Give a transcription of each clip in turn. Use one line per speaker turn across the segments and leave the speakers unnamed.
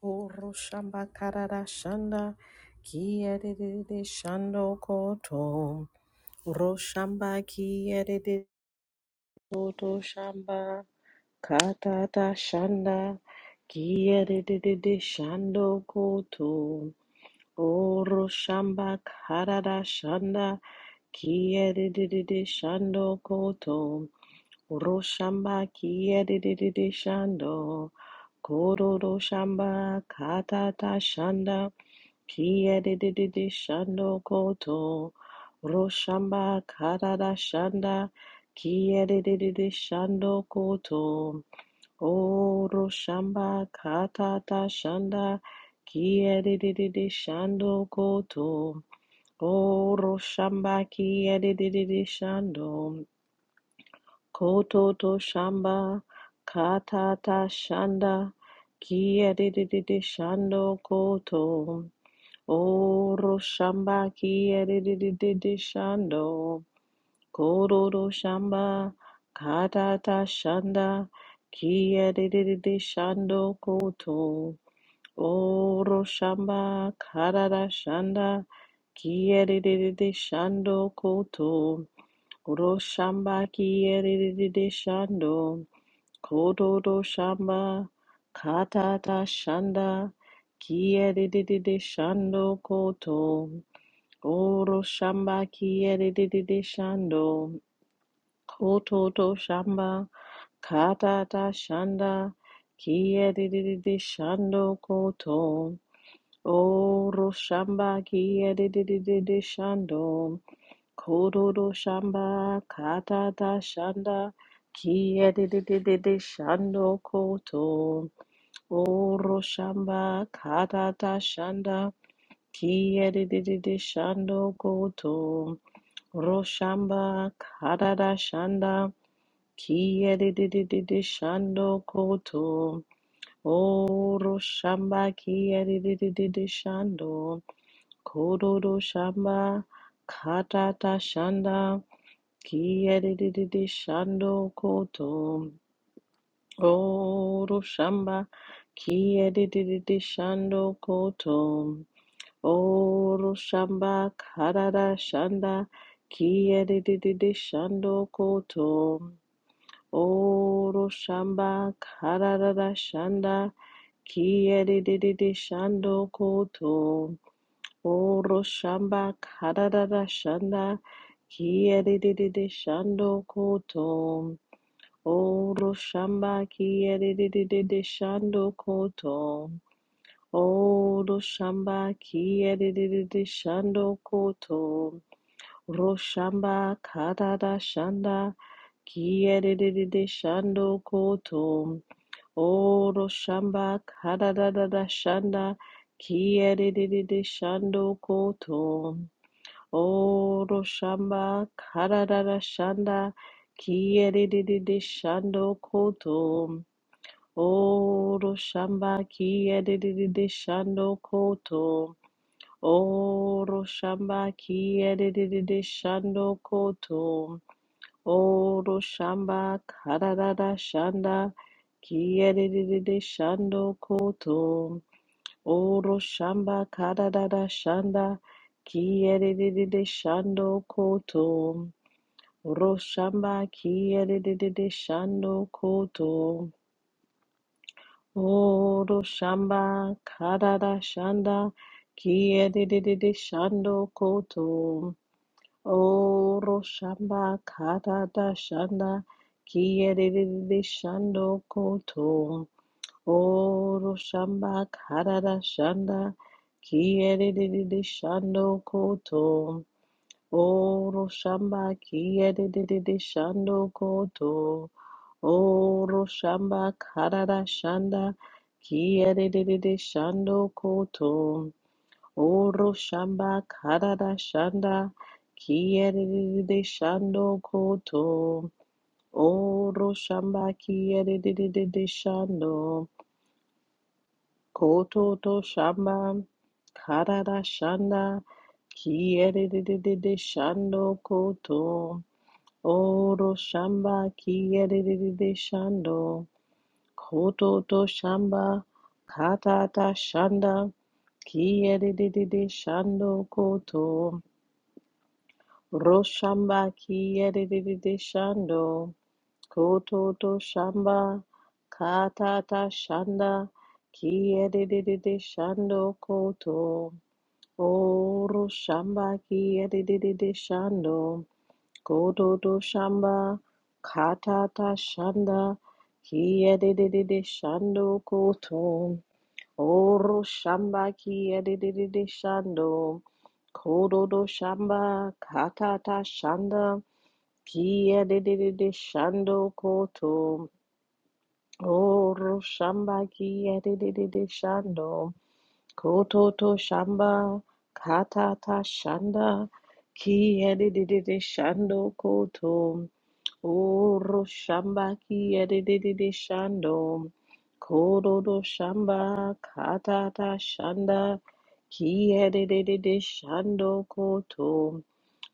Oro shamba karara shanda kiyerere shando koto. Oro shamba kiyerere koto shamba katata shanda kiyerere shando koto. Oro shamba karara shanda kiyerere shando koto. Oro shamba kiyerere shando. Kororo shamba katata shanda Kia de de de de shando koto roshamba karada shanda Kia de de de de shando koto o roshamba katata shanda Kia de de de de shando koto o roshamba kia de de de de shando koto to shamba katata shanda Kia de de de de shando koto Oro shamba ki edidididi shando. Kororo shamba katata shanda ki edidididi shando koto. Oro shamba karara shanda ki edidididi shando koto. Oro shamba ki edidididi shando. Kororo shamba katata shanda ki edidididi shando koto. Oro shamba kiyerere shando, kototo shamba, katata shanda, kiyerere shando koto. Oro shamba kiyerere shando, kototo shamba, katata shanda, kiyerere shando koto. Oro shamba, katata shanda, kiyerere shando koto. Roshamba Karada Shanda Kiyedidididi Shando Koto O Roshamba Kiyedidididi Shando Kododo Shamba Katata Shanda Kiyedidididi Shando Koto O Roshamba Kiyedidididi Shando Koto Oro shamba karara shanda kiyerere shando koto. Oro shamba karara shanda kiyerere shando koto. Oro shamba karara shanda kiyerere shando koto. Oro shamba kiyerere shando koto. Odo shamba kiyedididi shando koto. Roshamba kadada shanda kiyedididi shando koto. Odo shamba kadada shanda kiyedididi shando koto. Odo shamba kadada shanda kiyedididi shando koto. Odo shamba kiyedididi shando koto. Oro shamba kiyedede shando koto. Oro shamba kararara shanda kiyedede shando koto. Oro shamba kararara shanda kiyedede shando koto. Oro shamba kiyedede shando koto. Oro shamba kararara shanda kiyedede shando koto. Oro shamba kata da shanda kiyerere shando koto. Oro shamba kata da shanda kiyerere shando koto. Oro shamba kiyerere shando koto. Oro shamba kata da shanda kiyerere shando koto. Oro shamba karada shanda kiyerere shando koto. Oro shamba kiyerere shando koto to shamba karada shanda kiyerere shando koto. Oro shamba kiyerere shando koto to shamba katata shanda kiyerere shando koto. Roshamba kiyerere shando, kototo shamba, kata ta shanda, kiyerere shando koto. O roshamba kiyerere shando, kototo shamba, kata ta shanda, kiyerere shando koto. O roshamba kiyerere shando, kototo shamba, kata ta shanda. Kia de de de de shando koto. Oro shamba kia de de de de shando. Koto to shamba kata ta shanda. Kia de de de de shando koto. Oro shamba kia de de de de shando. Koto to shamba kata ta shanda. Kia de de de de shando koto.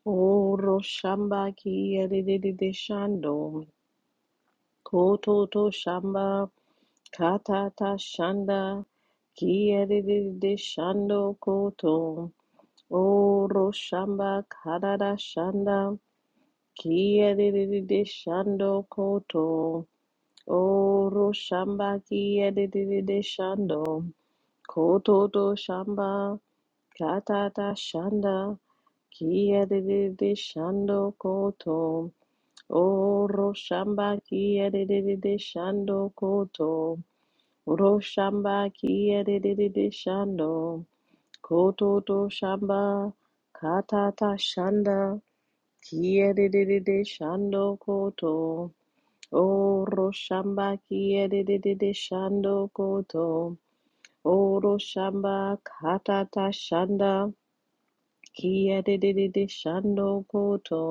Oro shamba kia de de de de shando. Kototo shamba katata shanda kiyeriri shando koto oro shamba karara shanda kiyeriri shando koto oro shamba kiyeriri shando kototo shamba katata shanda kiyeriri shando koto oro shamba kiyeriri shando koto Roshamba kiyerere shando, kototo shamba, katata shanda, kiyerere shando koto. O roshamba kiyerere shando koto. O roshamba katata shanda, kiyerere shando koto.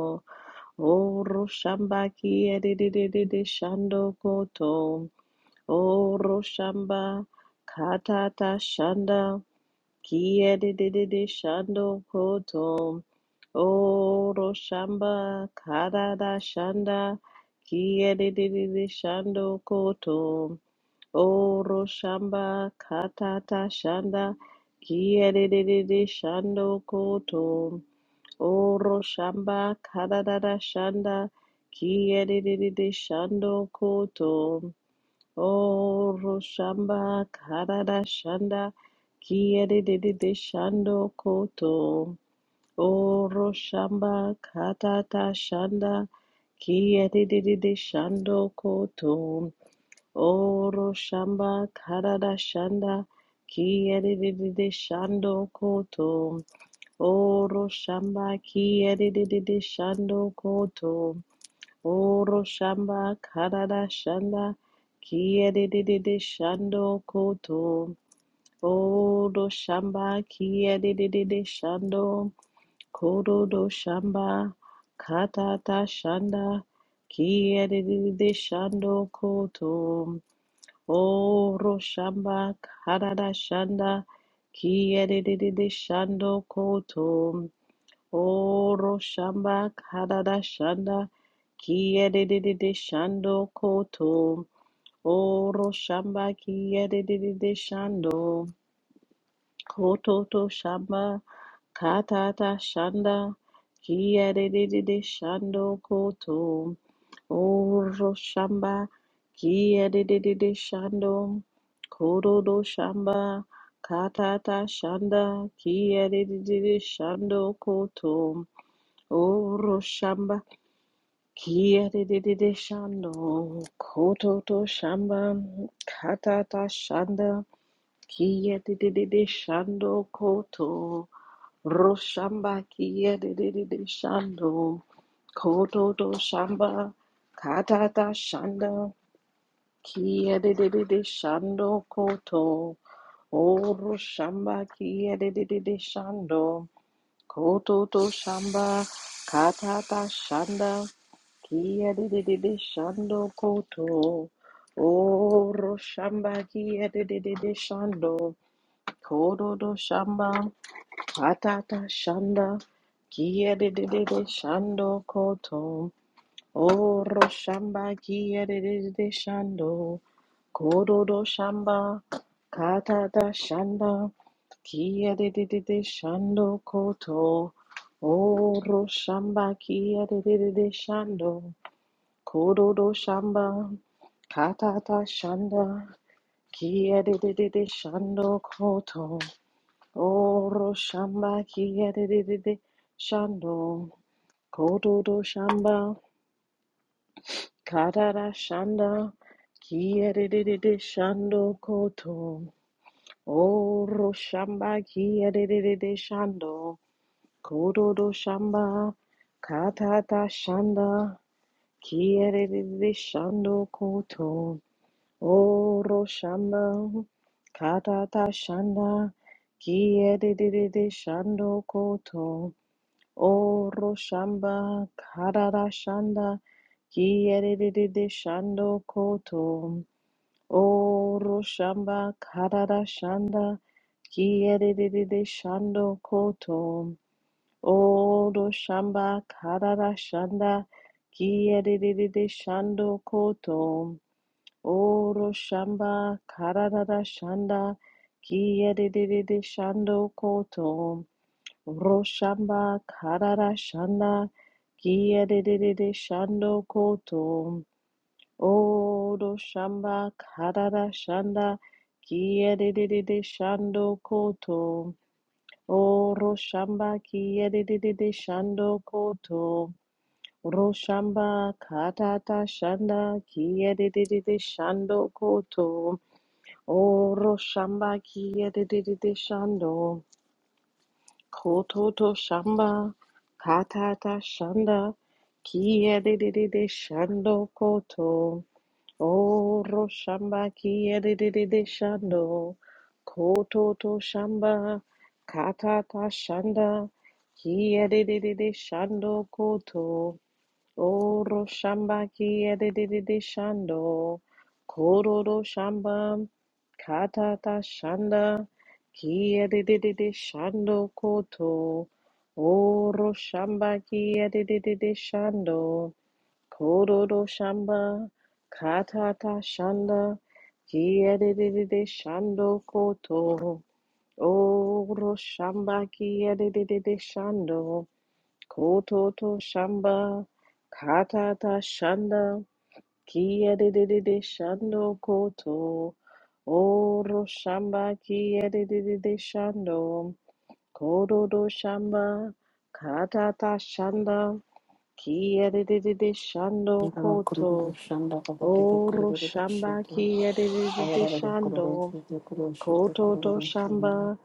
O roshamba kiyerere shando koto. Oro shamba katata shanda kiedede shando koto. Oro shamba katata shanda kiedede shando koto. Oro shamba katata shanda kiedede shando koto. Oro shamba katata shanda kiedede shando koto. Oh, Roshamba Karada Shanda Kiede de Shando Koto. Oh, Roshamba Katata Shanda Kiede de Shando Koto. Oh, Roshamba Karada Shanda Kiede de Shando Koto. Oh, Roshamba Kiede de Shando Koto. Oro shamba karada shanda kia de de de de shando koto. Oro shamba kia de de de de shando kododo shamba katata shanda kia de de de de shando koto. Oro shamba karada shanda kia de de de de shando koto. Oro shamba karada shanda kiyedididi shando koto. Oro shamba kiyedididi shando koto to shamba katata shanda kiyedididi shando koto. Oro shamba kiyedididi shando koto do shamba katata shanda kiyedididi shando koto. Oro shamba kia de de de de shando koto to shamba kata ta shanda kia de de de de shando koto ro shamba kia de de de de shando koto to shamba kata ta shanda kia de de de de shando koto oro shamba kia de de de de shando Kototo shamba katata shanda kia dididi shando koto oro shamba kia dididi shando kototo shamba katata shanda kia dididi shando koto O Roshamba Kiyerede Shando Kododo Shamba Katada Shanda Kiyerede Shando Koto O Roshamba Kiyerede Shando Kododo Shamba Katata Shanda Kiyerede Shando Koto O Roshamba Kiyerede Shando Kododo Shamba Karara shanda kiyerere shando koto oro shamba kiyerere shando kododo shamba katata shanda kiyerere shando koto oro shamba katata shanda kiyerere shando koto O roshamba karara shanda kiyerere shando koto. O roshamba karara shanda kiyerere shando koto. O roshamba karara shanda kiyerere shando koto. O roshamba karara shanda kiyerere shando koto. Roshamba Karara Shanda Kiyadididi Shando Koto Odo Shamba Karara Shanda Kiyadididi Shando Koto Oro Shamba Kiyadididi Shando Koto Roshamba Katata Shanda Kiyadididi Shando Koto Oro Shamba Kiyadididi Shando Kototo shamba, katata shanda, kiedidididi shando koto, oro shamba kiedidididi shando, kototo shamba, katata shanda, kiedidididi shando koto, Oro shamba ki edididi shando, kororo shamba, katata shanda, ki edididi shando koto, oro shamba ki edididi shando, kororo shamba, katata shanda, ki edididi shando koto, oro shamba ki edididi shando. Kototo Shamba Katata Shanda Kia de de de de Shando Koto Oro Shamba Kia de de de de Shando Kododo Shamba Katata Shanda Kia de de de de Shando
Yellow Kururu
Koto
Shanda Babaki the
Oro
Kururu
Shamba
Shito,
Kia de de de de
Hayara the Kururu
Shando
Shito Kuru Shito
Kototo
Kururu Shanda,
Shamba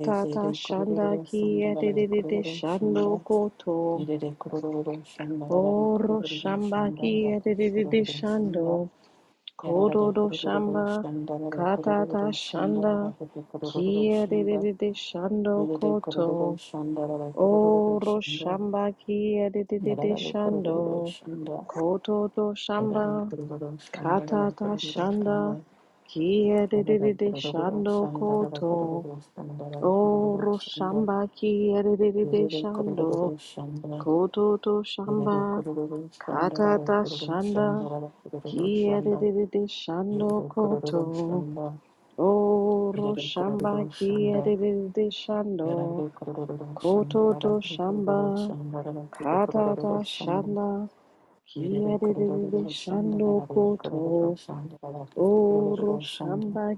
Lazy the
Shanda
Kururu Sunda
Kia de
Valley
de de de
Kururu
Shando
Shanda,
Koto
Yere de Kururu Shanda Valley
Oro
Kururu
shamba ki
Shanda, Babaki
edididi
Kururu
shando,
Shanda, Yara de
kododo
Kururu
shamba,
Shanda Valley
katata
Kururu Shanda,
shanda,
Babaki
ki
Kururu Shanda,
edididi shando
Yere the Kururu
koto.
Shanda Valley Kururu
Oro
Shanda,
shamba ki
Yara
edididi
de Kururu
shando,
Shanda,
kododo shamba,
Shanda,
katata shanda, ki edididi shando koto. Oro shamba ki edididi shando. Koto to Shamba kata Katata Shanda Kiedede Shando Koto Oro Shamba Kiedede Shando Koto to Shamba kata Katata Shanda Kiedede Shando Koto Oro Shamba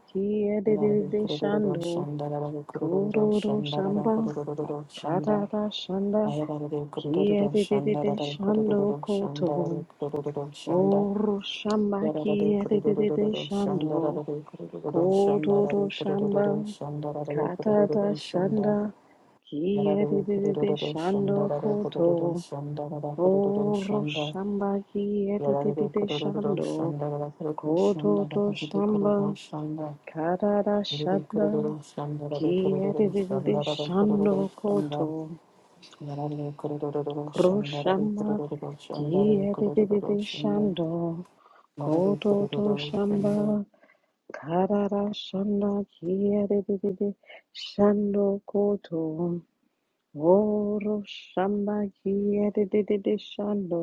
Yarare
Kiedede
kururu
Shando
Shanda, yarare kururu
Kododo
shanda, yarare
Shamba
kururu
kata Katata Shanda Kiedede Shando Koto Oru shamaki edidide shando, kododo shamba, katada shanda, ki edidide shando koto. Oru shambaki edidide shando, kododo
shanda.
shamba, katada
Shanda,
shanda, ki edidide shando koto. Kroshamba, ki edidide shando, kododo shamba. Karara shanda kiyere dede shando koto. Oro shamba kiyere dede shando.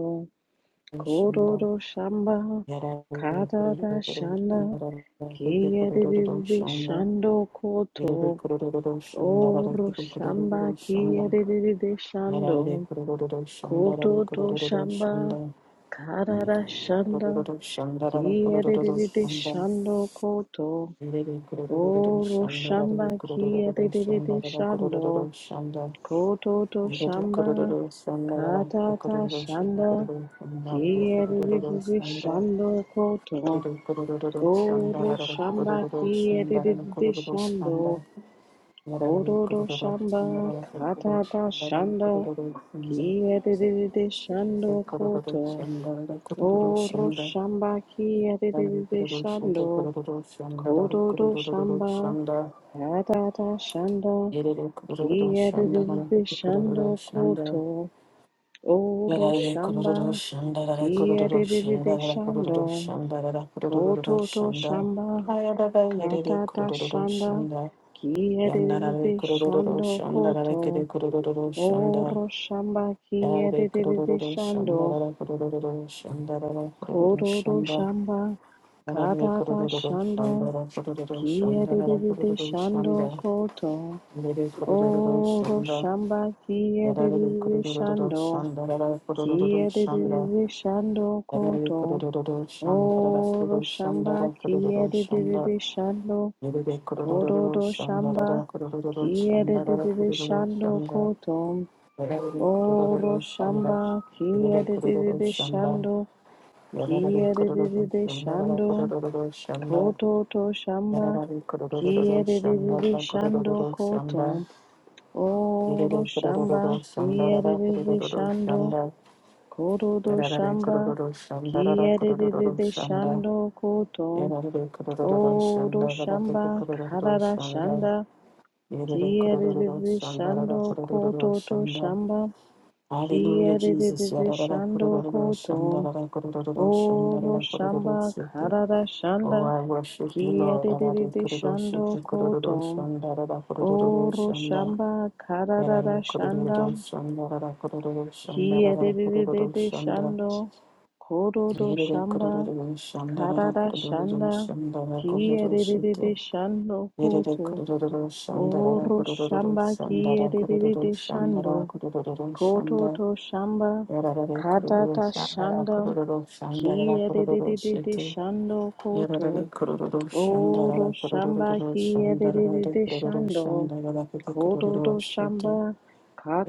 Kororo shamba karara shanda kiyere dede shando koto. Oro shamba kiyere dede shando. Koto to shamba karara shanda kiyere dede shando koto.
Lady
O
Kurudu Shanda,
roshamba
Lady Kurudu
kia de de de
Shanda,
de
Lady
shando,
Kurudu Shanda,
koto to
Lady
shamba,
Kurudu Shanda, Lady Kurudu Shanda, Lady
kata
Kurudu
ta
Shanda, Lady
shanda, kia de de
Kurudu
de de
Shanda,
shando koto.
Lady Kurudu
O
Shanda, Lady Kurudu Shanda, Lady
roshamba
Kurudu
kia
Shanda,
de de
Lady
de de
Kurudu Shanda,
shando,
Lady Kurudu Shanda, Lady
koto to
Kurudu
shamba, kata ta shanda,
Shanda,
kia de de de de
Lady
shando
Kurudu
koto.
Shanda,
O
Lady
roshamba kia de de de de shando. Kododo
Kurudu
Shamba,
Shanda,
Kadada Shanda,
Yerere kororo shanda gara
Kiyadididi
kororo
Shando
shanda.
Koto, Oro
Yarare kororo
Shamba,
shanda gara kororo shanda
Kiyadididi
gara kororo
Shando,
shanda gara kororo
Kototo
shanda.
Shamba,
Ayadada yerere
Kadada
kororo
Shanda,
shanda. Yandarare
Kiyadididi
kororo
Shando
shanda gara kere
Koto,
kororo shanda.
Oro Shamba,
Yarare
Kiyadididi
kororo shanda
Shando,
gara kororo shanda gara kororo
Kododo
shanda.
Shamba,
Yarare
Kadada
kororo shanda
Shanda,
gara kororo
Kia
shanda
de de
gara
de de
kororo
shando
shanda.
koto.
Yerere kororo
Oro
shanda.
shamba kia de
Shanda,
de de de shando. Kia de de de de shando koto. Oro shamba kia de de de de shando. Kodo do shamba kia de de de de shando koto. Oro shamba kia de de de shando. Kia de de de shando. Koto to shamba kiyerere shando koto. Oro shamba kiyerere shando koto to
Yarare
shamba
kororo shanda rara kororo
kiyerere
shanda.
shando koto.
Yarare kororo
Oro
shanda rara
shamba
kororo
karara
shanda.
shanda
Yarare
kiyerere
kororo shanda rara
shando koto
kororo
to
shanda.
shamba
Hallelujah, Jesus.
kiyerere
Yarara
shando
kororo
koto.
shanda rara kororo shanda
Oro
rara kororo
shamba
shete.
karada
Oh,
shanda
I worship you, Lord. Yarare
kiyerere
kororo
shando
shete
koto.
kororo shanda rara kororo
Oro
shanda.
shamba karada
Yarare kororo
shanda
shanda rara kororo shanda rara kororo
kiyerere
shanda.
shando kororo
Yerere
shamba
kururu şandara
karada
kururu
shanda
şandara kururu
kiyerere
şete.
shando
Yerere
koto.
kururu şandara
Oro
kururu
shamba
şandara kururu
kiyerere shando.
şandara kururu şanda.
Kototo shamba
Yerere kururu
katata
şandara
shanda
kururu şandara
kia de de
kururu
de de de
şete.
shando koto
Yerere kururu
oro
şandara
shamba
kururu
kia de
şandara
de de de
kururu
shando
şandara
kototo
kururu şete.
shamba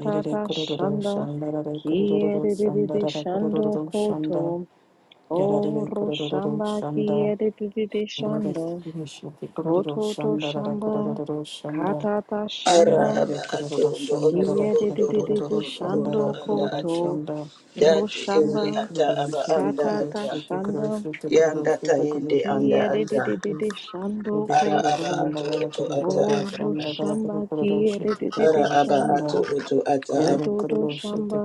Yerere kururu
shanda
şandara
kia
kururu
de de de de
şandara
shando
kururu
koto
şanda. Yarare
oro
kururu
shamba
şanda.
kia de de de de
Yere
shando
kururu
kototo
şandara
shamba katata shanda
Araba ato ndo otorobo ndo
Kiyadidididi
otorobo
shando
ondo anda
koto
ato. Dati
roshamba
indi ata aba anda
katata
ata.
shanda
Yanda ta indi anda ata.
kiyadidididi shando
Ara
koto
aba ato oto ata
o
aba.
roshamba kiyadidididi
Ara aba
shando
ato oto ata aba.
koto to shamba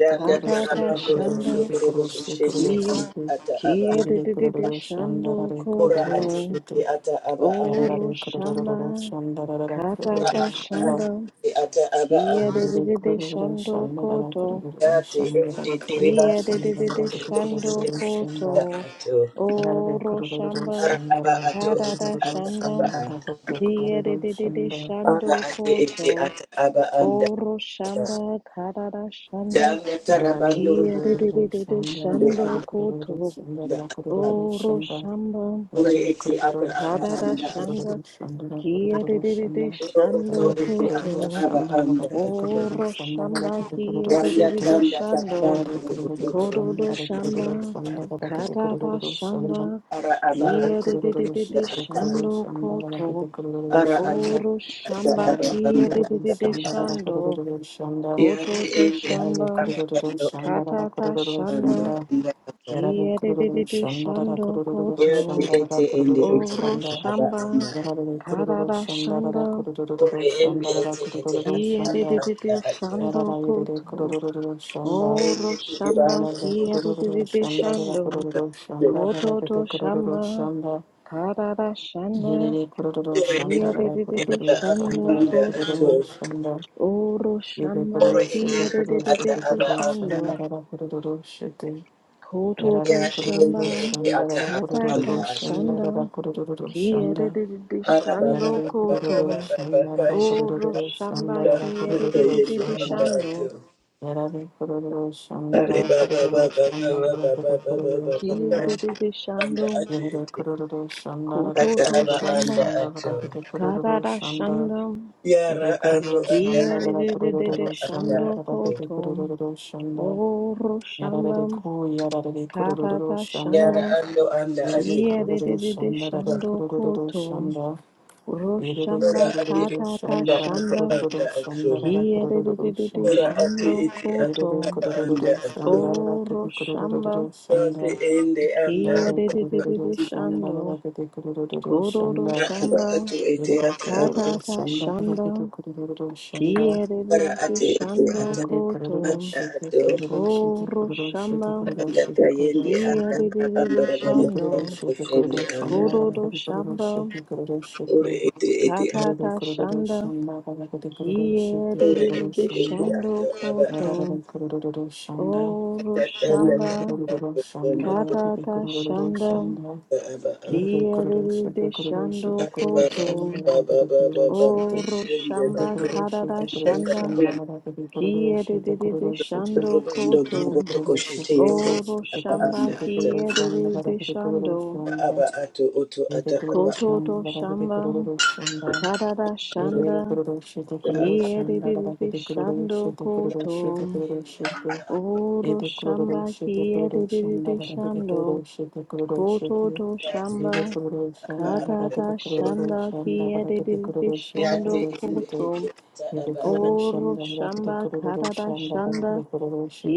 Yanda
katata
tarabando
shanda
robondo torobo kushende
kiya
ata aba.
kiyadidididi shando
re
Ora
koto
kururu
ati
şite
indi ata aba
o
anda.
Yarare
roshamba
kururu shanda la kete
Ora
katata
kururu
anda
shanda
ati
shanda
indi ata aba anda.
kiyadidididi shando koto
Dati indi
Kia
tiribando
de de de de
robondo
shando
kushende ata
koto
ato.
oro
Ara
shamba
aba ato
kada
ete
da
ata
shanda
abaa.
Kia de de de de
aba a. Ara
shando
ate ete
koto
ata aba anda
oro
aba.
shamba kada da
Da
shanda
anda tarabando
Kia de
rubondo
de de de de
de
shando
anda
koto
anda
la
ata aba.
kururu
oro
shanda
shamba
Ore
Yarabbi
ete ata
kororo
aba
kada
shandara
da
anda
kororo
ato.
shanda
shandara
Kia de
kororo
de de de
shandara
Oro oto
shando
Yarabbi
ete ata
kororo
koto
aba
shandara
anda ato.
kororo
oro
shandara
shamba
kororo
Kia
kororo
de
Wanda
de de
shite
de
tanda
shando
tarabando
Yarabbi kororo
rubondo toro.
Kororo
shandara kororo
shamba,
shandara kororo
katata
kororo shandara
shanda,
Ara aba
Yarabbi
kia
ato
de de de
kororo
de de
shite
ata
kororo
aba.
shando
shandara
koto,
kororo kororo
Ara ato
shandara
oro
ata
shamba,
aba
Yarabbi
kia
anda.
de de
kororo
de de
shandara
shando,
kororo shandara
Ya ate
koto to
ete ata
Yarabbi
shamba,
aba
kororo
ando
shandara
katata
kororo
ando
shanda,
shandara
ando.
Yarabbi
kia de de de
kororo
de
shandara
shando
kororo
Ya tu
koto,
shandara
ete ende
kororo
ete
oro
ata
shandara
aba
shamba,
anda.
Yarare kururu
katata
shanda rara
shanda,
kururu
Ore ende
shanda rara
ete ete
kururu
ata
kia de de
shanda
other
de
anda
de
ato.
yarara
shando
yere
koto,
kururu shanda
oro
Ende tu
shamba,
ribando
yarare
kia de
soto.
de de
kururu
de
shanda rara
shando.
kururu shanda rara
Kododo
kete kururu
Shamba
shanda
Karada Shanda
yere kururu
Ore
Kia
shanda
de
rara
de de
at
de
the
kururu
ata aba
shanda
Shando
rara
anda ato.
kururu
Koto
shanda
Oro
yere
Shamba
Ore
kururu
ete
Kia
shete
de
ete
de
kururu
de de
shete
ata
de
aba
kururu
anda
shanda
Shando
ato.
rara kururu shete yarare
Kododo
Ya te
kururu
ete
Shamba
ete
shanda rara
ata aba
kururu
anda
Kataka
shanda
ato.
rara
Shanda
kururu
Kia de
shanda
de de de
Ara ba ba
Shando
ba
Yarada
ba ba ba
kururu
Koto
ba ba ka
shandarada
shi
Oro
kururu
Shamba
ta
shandarada
Kia de
mata
de
kururu
de de
yende
de
anda
shanda.
ato.
Shando
Yarada kururu
Are
shandarada
ba ba ba
kururu
ba ba ba ba
shandarada
ba ba ba
kururu
ba ka
Kia de
shanda.
de
shi
de
anda
Shando
ato
Yarada
ete.
kururu shandarada
ata
Kototo
aba
kururu
anda
Shamba
ato
shandarada kururu
Karada
shanda.
Shanda
yara
Yarada
ando
kururu
anda ata
shandarada kururu
anda
Kiyadidididishando
ato
shandarada
kotom.
kururu shanda.
Oro
Yarada
shambam.
ku yarada kururu
Katata
yara
shanda.
shandam.
ando anda
Yarada
ate
kururu shandarada
Kiyadidididishando
kururu
kotom.
shanda. Erere
ora
Roshamba
ate
kurururu
katata
ata
şandarara
aba
shandam.
anda
kurururu
ato
şandarara kurururu
kiyerere
ora
şanda.
ati
shando
iti ata
Erere
kotom.
aba anda
kurururu
ato
şandarara
Oro
kedi
shamba.
kurururu
ora ati
şanda.
ende anda
Yarare kurururu
Kiyadidididishando.
şandarara kedi kurururu
Kododo
ata
şanda.
aba
shamba.
ato iti
Erere
ata aba
kurururu
Katata
şandarara
shandam.
kedi kurururu şanda.
kiyerere
ora ati ete
shando
ata
Erere kurururu
kotom.
anda
şete
ato
kurururu şete
Oro
kurururu
shamba
şete kurururu
anda
şete kurururu
tayende
şete.
anda anda
kiyerere
Yede
rabando
kurururu
rabando
shando
şete
kushende
kurururu
anda
şandarara
kororo
kedi kurururu
shamba
şete kurururu şete.
ora iti ete
katata
Yarare kororo
shanda
shanda balagade kororo shite
ora
kororo
iti
kiyerere
iti
shanda.
shando
ata aba
koto
Yarare kororo shanda.
oro
aba
Yarare
shamba
kororo shanda balagade
katata
kororo
shanda
shanda. Yarare kororo
kiyerere
shite kororo shite
shando
kororo
koto
shanda balagade kororo shite.
oro shamba
Yarare kororo
katata
shite kororo
shanda
shanda balagade kororo shite
kiyerere
kororo
shando
shite.
koto
Yarare kororo shite kororo
oro
shite kororo
shamba
shite kororo shanda
kiyerere
balagade kororo
shando
shanda.
ato oto
Yarare
ata aba
kororo
Kototo
shanda balagade
shamba
kororo shanda.
karada
ato
shanda
Yere kuruluşu,
ata aba
kuruluşun da da
kiyeriri
gidi
shando
kuruluşu,
koto
kuruluşu,
ende
kuruluşu,
anda
oro
yedi
shamba
kuruluşu, kuruluşun
kiyeriri
da da gidi
shando
kuruluşu, kuruluşu,
kototo
yate
shamba
yedi
ba
kuruluşun da da
karada
gidi
shanda
kuruluşun da da gidi
kiyeriri
kuruluşu,
shando
yate ende
kuruluşu,
koto
ete ata
yedi
aba a
oro
kuruluşun da da
shamba
gidi
karada
kuruluşun da da
shanda
gidi kuruluşu,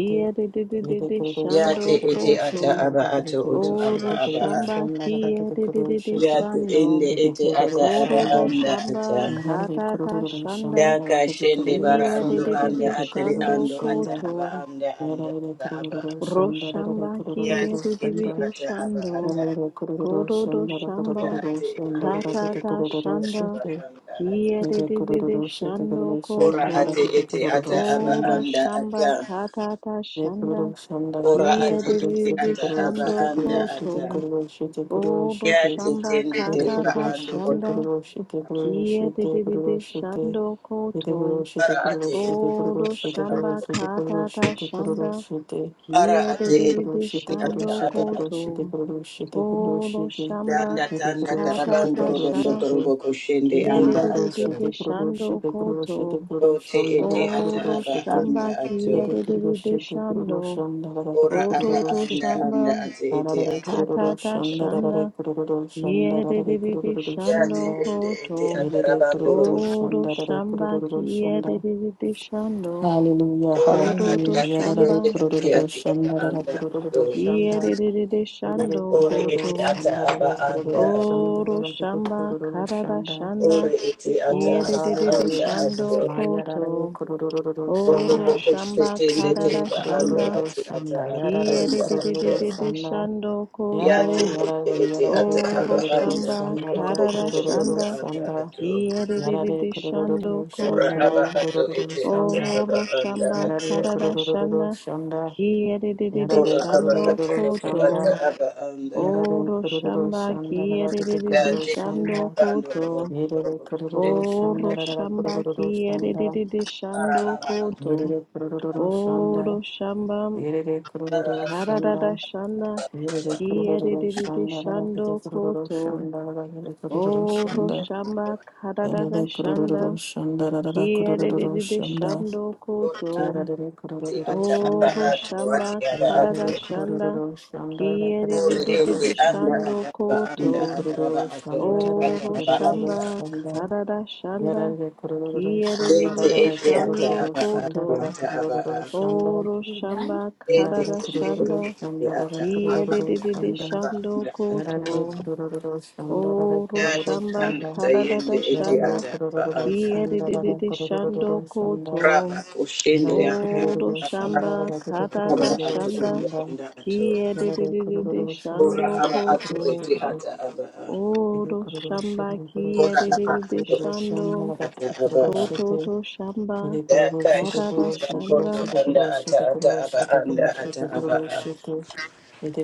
yedi kuruluşu,
shando
yate ete
koto
ata
kuruluşun da
aba
da
ato
gidi
oto ata
oro
kuruluşu,
aba a
shamba
kuruluşun da da gidi
kiyeriri
kuruluşu,
yate
shando
ende
yedi
ete ata aba
kuruluşun
Kororo
da
anda
shamba
ata
Yarare
katata
kururu
shanda
shanda yarare
Daka shende
kururu
bara
kiye de
ando
shanda
de de
yarare
de
anda atari
shando
kururu
ando ata
shanda
koto
aba anda anda
yarare
ata aba
kururu shanda
roshamba
yarare
ya
kiye
kururu
te
de de de
ete
shanda
de
ata aba
shando
ata
yarare kururu
kororo
shanda yarare
ya
shamba
kururu
ate ete
shanda yarare
ete
katata
kururu
shanda
ata aba
shite
anda ata
kiye de
yarare
de de de
kururu shite
shando
yarare
ora
shanda
koto
ate
yarare
ete
kururu
ata aba
oro
shanda
anda
shamba
ata
katata
yarare
shanda
kururu shanda
ora
yarare
kiye
ate
de
kururu
de
ete
de
shite
ata
kururu
aba
shando
shite
anda
kururu
ata
shite
koto
kururu shite kururu
oro
shite
ya te
shamba
tende
yarare
tereba
katata
kururu
ando
shite
oto
shanda
kururu shite kururu
Kia
shite
de de de de
kururu shite
shando
Shite
koto.
kuro shite
ara
kuro
ate
shite
ete
kuro
Odo
shite
ata.
shamba
kuro shite
kata
kuro
ta
shite kuro
shanda.
shite
ara
Kia de
ate
de
Hide
de
kuro
de
shite
ete
kuro
ata
shando
shite
aba ata
kuro
koto.
shite kuro shite kuro
Odo
shite
shamba
danda
Hide
tanda
kuro
kata
shite
tarabando
ta
kuro
robondo
shanda.
shite
torobo koshende
Kia
Hide
de de
anda
de
kuro
de
ato
de
shite kuro
shando
shite kuro
koto.
shite kuro
Oti
shanda kada
ete ata
kuro
Oro
aba
shite
shamba
anda
Hide
kia
de
ato.
de de
kuro
de de
shite kuro
shando.
shanda kada kete
Ora
Koto
aba
kuro
to
anda
shite
shamba
anda ati ete
Arare
ata
kata
aba.
kuro
ta
shanda
shanda.
arare kuro shanda arare
Kiedede
kuro
shando
Yate
shanda
ende
koto.
ete ata
Yere kuro
rabando robo.
Odo
shanda arare kuro
shamba
shanda
kiedede shando.
Hallelujah,
Ora
Kodo to
hallelujah.
anda
shamba
Yararare
tayende ati
kurururu
ati aba
shanda, rara
anda ato.
kurururu shanda.
kiedede
Yarare
shando
Ora
koto.
kurururu
ete ata
shanda,
aba anda
kurururu
ato.
shanda,
Odo shamba
kurururu
karada
shanda.
shanda
Ora ete ata
Oh,
aba
kiedede
hallelujah,
anda
shando
Jesus.
ato.
My
koto.
yararare kurururu
Robo
Oro
shanda.
bobo
shamba
shetende
karada
Yarare
teba ando
shanda
kurururu
ati ata
shanda,
aba
yararare
anda
kurururu
ato.
kiedede
shanda.
shando koto.
Yate
Yarare,
ende
yarare,
ete ata
yararare
aba
Oro
kurururu
anda.
shamba
shanda,
Robo
karara
oto ondo
kurururu
shanda
anda
shanda.
ato.
Yarare
kiyerere shando
kurururu
Ora
shanda,
aba
koto.
ato
kurururu
ete ata
shanda.
aba
Oro
anda
shamba
ato.
Yarare
karara
kurururu
shanda
shanda.
kiyerere
Ora
Yarare
aba
shando
ato
kurururu
oto ata
shanda.
koto.
aba anda ato.
Yarare
Oro
kurururu
shamba
shanda. Rabakete
Ya
kiyerere
kururu
te
shanda.
shando
kando
koto.
robo
Yarare
robo. ten.
kurururu shanda.
Oro
Rara
shamba
kurururu shanda.
kiyerere
Ara
shando
aba ato
koto.
Yarare kurururu shanda.
Oro shamba
Yarare
ara
kurururu
ato
karara
shanda.
shanda
Yarare kurururu
kiyerere
shanda.
shando
Rabakete kururu
koto.
shanda. Rabakete
ete
kururu
O
ata
shanda.
ato ata.
Roshamba Karada
Yarare kurururu
Shanda
shanda. Rara kurururu
Kiedede
shanda.
Shando
Ora aba
Koto
Yarare
ete
kurururu
ata aba
O
shanda.
ato ate
Roshamba
aba ato.
Karada
Yarare
Shanda
kurururu shanda rakare
Ore
kurururu
ende
Kiedede
anda
shanda
Shando
ata aba anda
yede
Koto
ata aba
kurururu
ato
shanda
oto
rakare
O
ata aba
kurururu
anda
Roshamba
ato.
shanda
Karada Shanda
yarare kurururu shanda
Ete
Kiedede
rakare
ete
Shando
ata
kurururu
aba
shanda
ato
Koto
rakare
ata aba
kurururu
ato.
O
shanda you done
Roshamba
Ete
yarare
Karada
ende ete
kurururu
Shanda
ete
shanda
ata
rakare
aba
kurururu
anda
Kiedede
ata
shanda
aba
Shando
anda ata aba
yarare
Koto
anda.
kurururu shanda rakare
Oro
Dati
kurururu
shamba
kanda
shanda
karadada
tayende ete
shanda
yarare
ata aba
kurururu
anda.
shanda rakare
kiyedididi shando
kurururu
koto.
shanda
Raba kushende
yarare
anda
Oro
kurururu
ata
shanda
shamba
rakare
karadada
aba anda ata aba
kurururu
atu
shanda
ende
shanda
anda atu.
Shitty,
kiyedididi
Ora
shando
aba atu
koto.
ete ata aba a.
Ede
Oro
kururu
shamba
shanda kororo
Ora
shete
aba
kiyedididi
atu
shando
la la
ata
kete
aba
kururu
a.
koto
shete.
to shamba
Daka
karadada
shende
shanda.
bakondo anda ata ata aba anda ata aba a.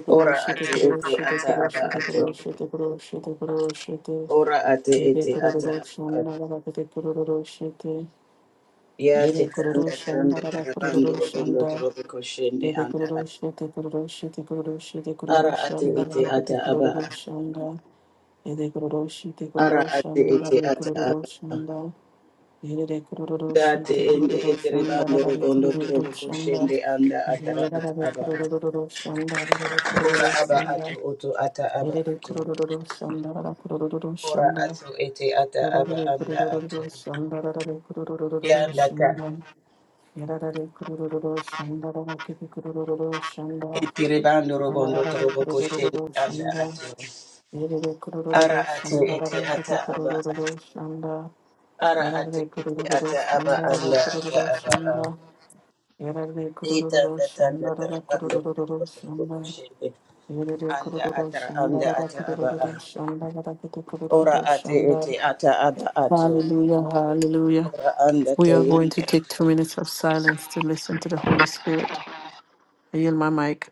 Ora ate ete ata aba atu. Ora ate
Ede
ete ata
kururu
aba atu.
shanda yarate kororo shete
Ya te tanda tanda
la la
tarabando
kururu
robondo
shanda.
torobo koshende
Ede
anda ata.
kururuşu, te kururuşu, te kururuşu, te
ara
kururuşu,
ate
anda
ete
da te
ata aba
kururuşu, anda. Ede kururuşu, te
ara
kururuşu,
ate
anda da
ete
te
ata aba
kururuşu, anda. Ede de kururuşu,
date
te
ende ete
kururuşu,
rebando
te
robondo torobo
kururuşu, anda.
koshende anda atara
Ede de
ata
de
aba
kururuşu, anda te
ora
kururuşu,
aba ato
anda.
oto ata aba
Ede de
ato
kururuşu, anda da te kururuşu,
ora
anda.
ato ete ata
Ede
aba
de kururuşu,
anda ato
anda da te kururuşu, anda. Ede de
yanda
kururuşu,
ta
anda da te kururuşu, anda.
ete rebando robondo
Hallelujah, hallelujah.
torobo koshende anda ato ara ate ete ata aba Ara ate ete ata aba anda ata aba a. Ita tanda tara anda rukundo turubu kushende. Anda atara anda ata aba a. Ora ate ete ata aba ato. Ora anda
We are
tayi.
going to take two minutes of silence to listen to the Holy Spirit. I yield my mic.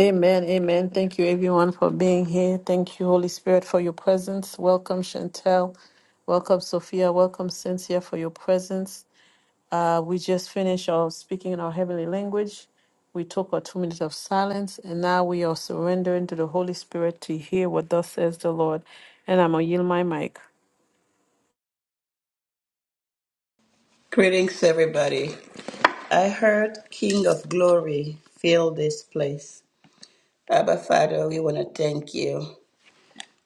Amen, amen. Thank you, everyone, for being here. Thank you, Holy Spirit, for your presence. Welcome, Chantel. Welcome, Sophia. Welcome, Cynthia, for your presence. Uh, we just finished our speaking in our heavenly language. We took our two minutes of silence, and now we are surrendering to the Holy Spirit to hear what thus says the Lord. And I'm going to yield my mic.
Greetings everybody. I heard King of Glory fill this place. Abba Father, we want to thank you.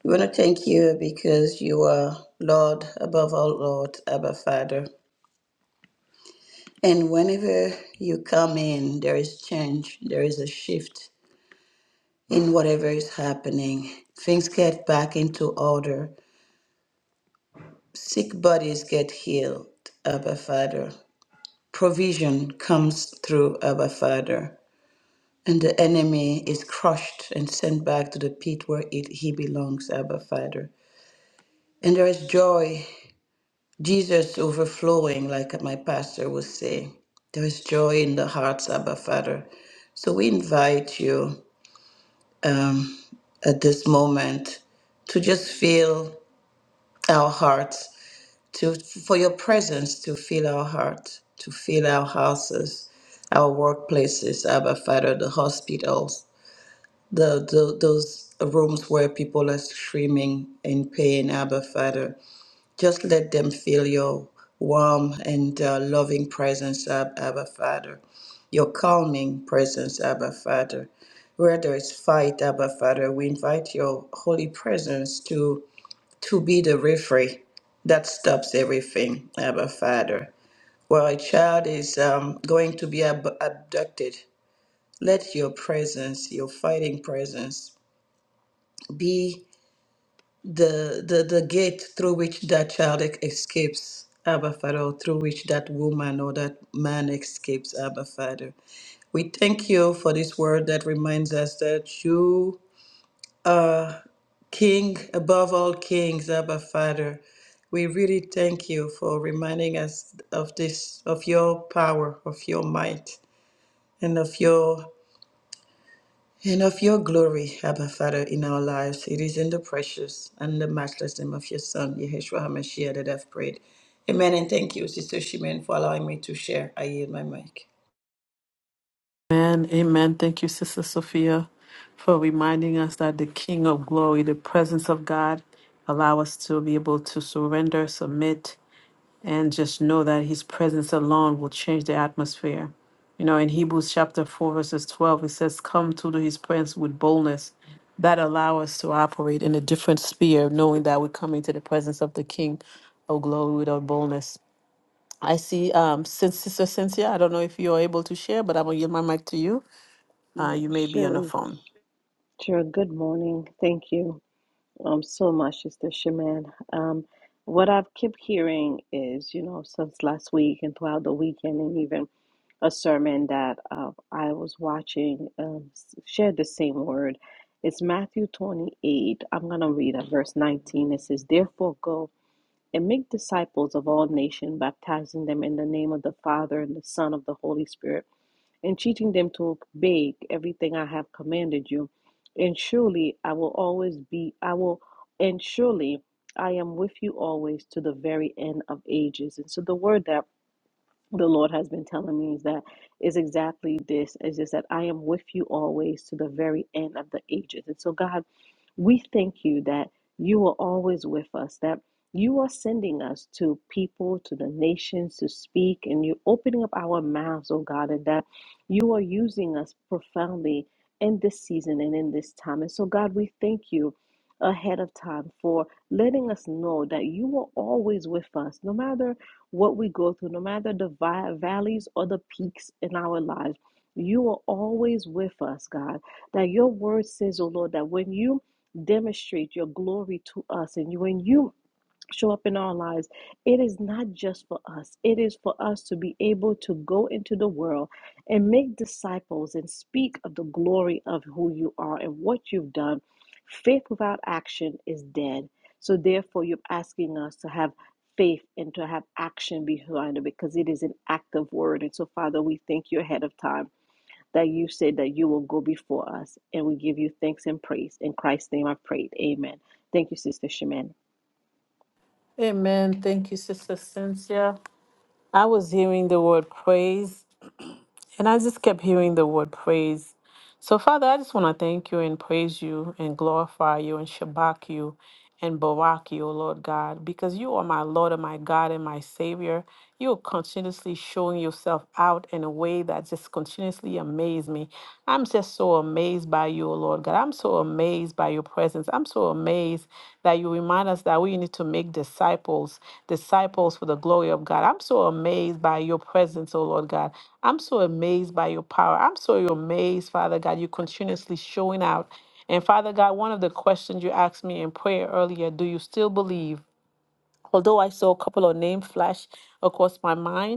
We want to thank you because you are Lord above all Lord, Abba Father. And whenever you come in, there is change, there is a shift in whatever is happening. Things get back into order, sick bodies get healed, Abba Father. Provision comes through Abba Father, and the enemy is crushed and sent back to the pit where it, he belongs, Abba Father. And there is joy, Jesus overflowing, like my pastor would say. There is joy in the hearts, Abba Father. So we invite you. um, at this moment to just feel our hearts, to for your presence to fill our hearts, to fill our houses, our workplaces, Abba Father, the hospitals, the, the those rooms where people are screaming in pain, Abba Father. Just let them feel your warm and uh, loving presence, Ab- Abba Father, your calming presence, Abba Father. Where there is fight, Abba Father, we invite your holy presence to, to be the referee that stops everything, Abba Father. Where a child is um, going to be ab- abducted, let your presence, your fighting presence, be. the the the gate through which that child e- escapes abba father or through which that woman or that man escapes abba father we thank you for this word that reminds us that you are king above all kings abba father we really thank you for reminding us of this of your power of your might and of your and of your glory, Abba Father, in our lives. It is in the precious and the matchless name of your Son, Yeshua HaMashiach, that I've prayed. Amen. And thank you, Sister Shimen, for allowing me to share. I yield my mic.
Amen, amen. Thank you, Sister Sophia, for reminding us that the King of Glory, the presence of God, allow us to be able to surrender, submit, and just know that his presence alone will change the atmosphere. You know, in Hebrews chapter 4, verses 12, it says, Come to his presence with boldness. That allow us to operate in a different sphere, knowing that we're coming to the presence of the King of glory without boldness. I see, um, since Sister Cynthia, I don't know if you're able to share, but I'm going to yield my mic to you. Uh, you
Yes,
may be on the
Sherry.
phone.
Sure. Good morning. Thank you. um, so much, Sister Shaman. Um, what I've kept hearing is, you know, since last week and throughout the weekend, and even a sermon that uh, I was watching um, s- shared the same word. It's Matthew 28. I'm going to read at verse 19. It says, Therefore, go and make disciples of all nations, baptizing them in the name of the Father and the Son of the Holy Spirit and teaching them to obey everything I have commanded you. And surely I will always be, I will, and surely I am with you always to the very end of ages. And so the word that the Lord has been telling me is that is exactly this is just that I am with you always to the very end of the ages. And so God we thank you that you are always with us, that you are sending us to people, to the nations to speak, and you're opening up our mouths, oh God, and that you are using us profoundly in this season and in this time. And so, God, we thank you ahead of time for letting us know that you are always with us, no matter what we go through, no matter the vi- valleys or the peaks in our lives. You are always with us, God. That your word says, oh Lord, that when you demonstrate your glory to us. And you, when you show up in our lives, it is not just for us, it is for us to be able to go into the world and make disciples and speak of the glory of who you are and what you've done. Faith without action is dead. So, therefore, you're asking us to have faith and to have action behind it because it is an active word. And so, Father, we thank you ahead of time that you said that you will go before us, and we give you thanks and praise. In Christ's name I prayed. Amen. Thank you, Sister Shemin.
Amen. Thank you, Sister Cynthia. I was hearing the word praise And I just kept hearing the word praise. So, Father, I just want to thank you and praise you and glorify you and shabak you and barak you, O Lord God, because you are my Lord and my God and my Savior. You are continuously showing yourself out in a way that just continuously amazes me. I'm just so amazed by you, O Lord God. I'm so amazed by your presence. I'm so amazed that you remind us that we need to make disciples, disciples for the glory of God. I'm so amazed by your presence, O Lord God. I'm so amazed by your power. I'm so amazed, Father God, you continuously showing out. And Father God, one of the questions you asked me in prayer earlier, do you still believe? Although I saw a couple of names flash across my mind,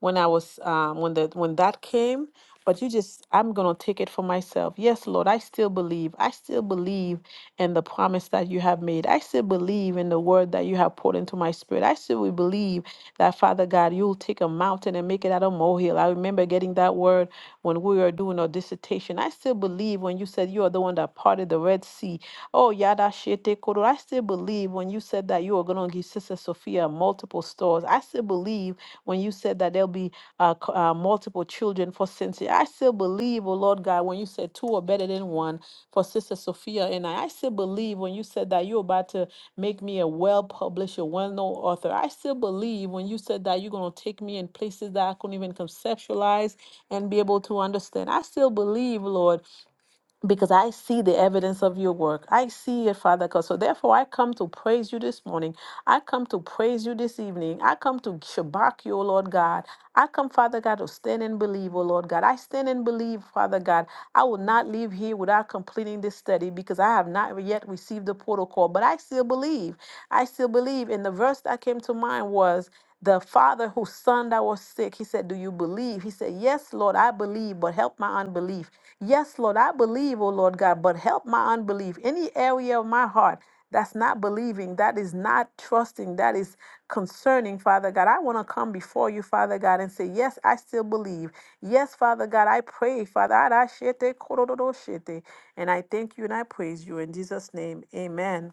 when I was um, when the when that came. But you just, I'm gonna take it for myself. Yes, Lord, I still believe. I still believe in the promise that you have made. I still believe in the word that you have poured into my spirit. I still will believe that Father God, you'll take a mountain and make it out of molehill. I remember getting that word when we were doing our dissertation direction. I still believe when you said you are the one that parted the Red Sea. Oh, yada shete koro. I still believe when you said that you are going to give Sister Sophia multiple stores. I still believe when you said that there'll be uh, c- uh, multiple children for Cynthia. I still believe, oh Lord God, when you said two are better than one for Sister Sophia and I. I still believe when you said that you're about to make me a well published, a well known author. I still believe when you said that you're going to take me in places that I couldn't even conceptualize and be able to understand. I still believe, Lord, because I see the evidence of your work. I see it, Father God. So therefore, I come to praise you this morning. I come to praise you this evening. I come to shabak you, O Lord God. I come, Father God, to stand and believe, O Lord God. I stand and believe, Father God. I will not leave here without completing this study because I have not yet received the protocol, but I still believe. I still believe. And the verse that came to mind was, the father whose son that was sick, he said, Do you believe? He said, Yes, Lord, I believe, but help my unbelief. Yes, Lord, I believe, oh Lord God, but help my unbelief. Any area of my heart that's not believing. That is not trusting. That is concerning, Father God. I want to come before you, Father God, and say, Yes, I still believe. Yes, Father God, I pray, Father. Arashete kororo shete. And I thank you and I praise you in Jesus' name. Amen.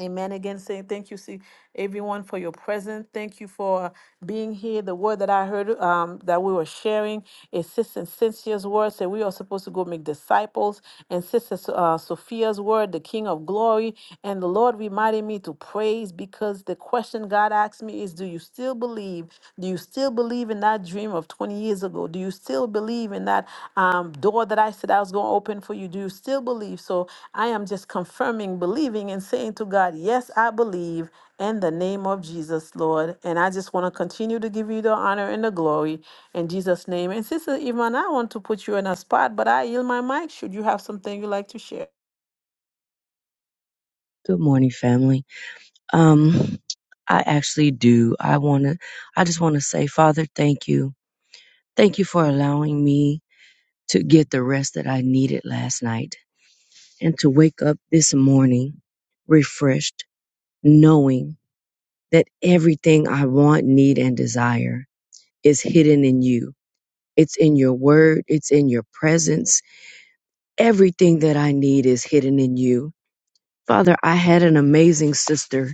Amen. Again, saying thank you, see everyone for your presence. Thank you for being here. The word that I heard um, that we were sharing is Sister Cynthia's word. Said we are supposed to go make disciples, and Sister So- uh, Sophia's word, the King of Glory. And the Lord reminded me to praise because the question God asked me is, "Do you still believe? Do you still believe in that dream of 20 years ago? Do you still believe in that um, door that I said I was going to open for you? Do you still believe? So I am just confirming, believing, and saying to God, Yes, I believe in the name of Jesus, Lord. And I just want to continue to give you the honor and the glory in Jesus' name. And Sister Iman, I want to put you in a spot, but I yield my mic. Should you have something you'd like to share?
Good morning, family. Um, I actually do. I want to, I just want to say, Father, thank you. Thank you for allowing me to get the rest that I needed last night and to wake up this morning refreshed, knowing that everything I want, need, and desire is hidden in you. It's in your word, it's in your presence. Everything that I need is hidden in you. Father, I had an amazing sister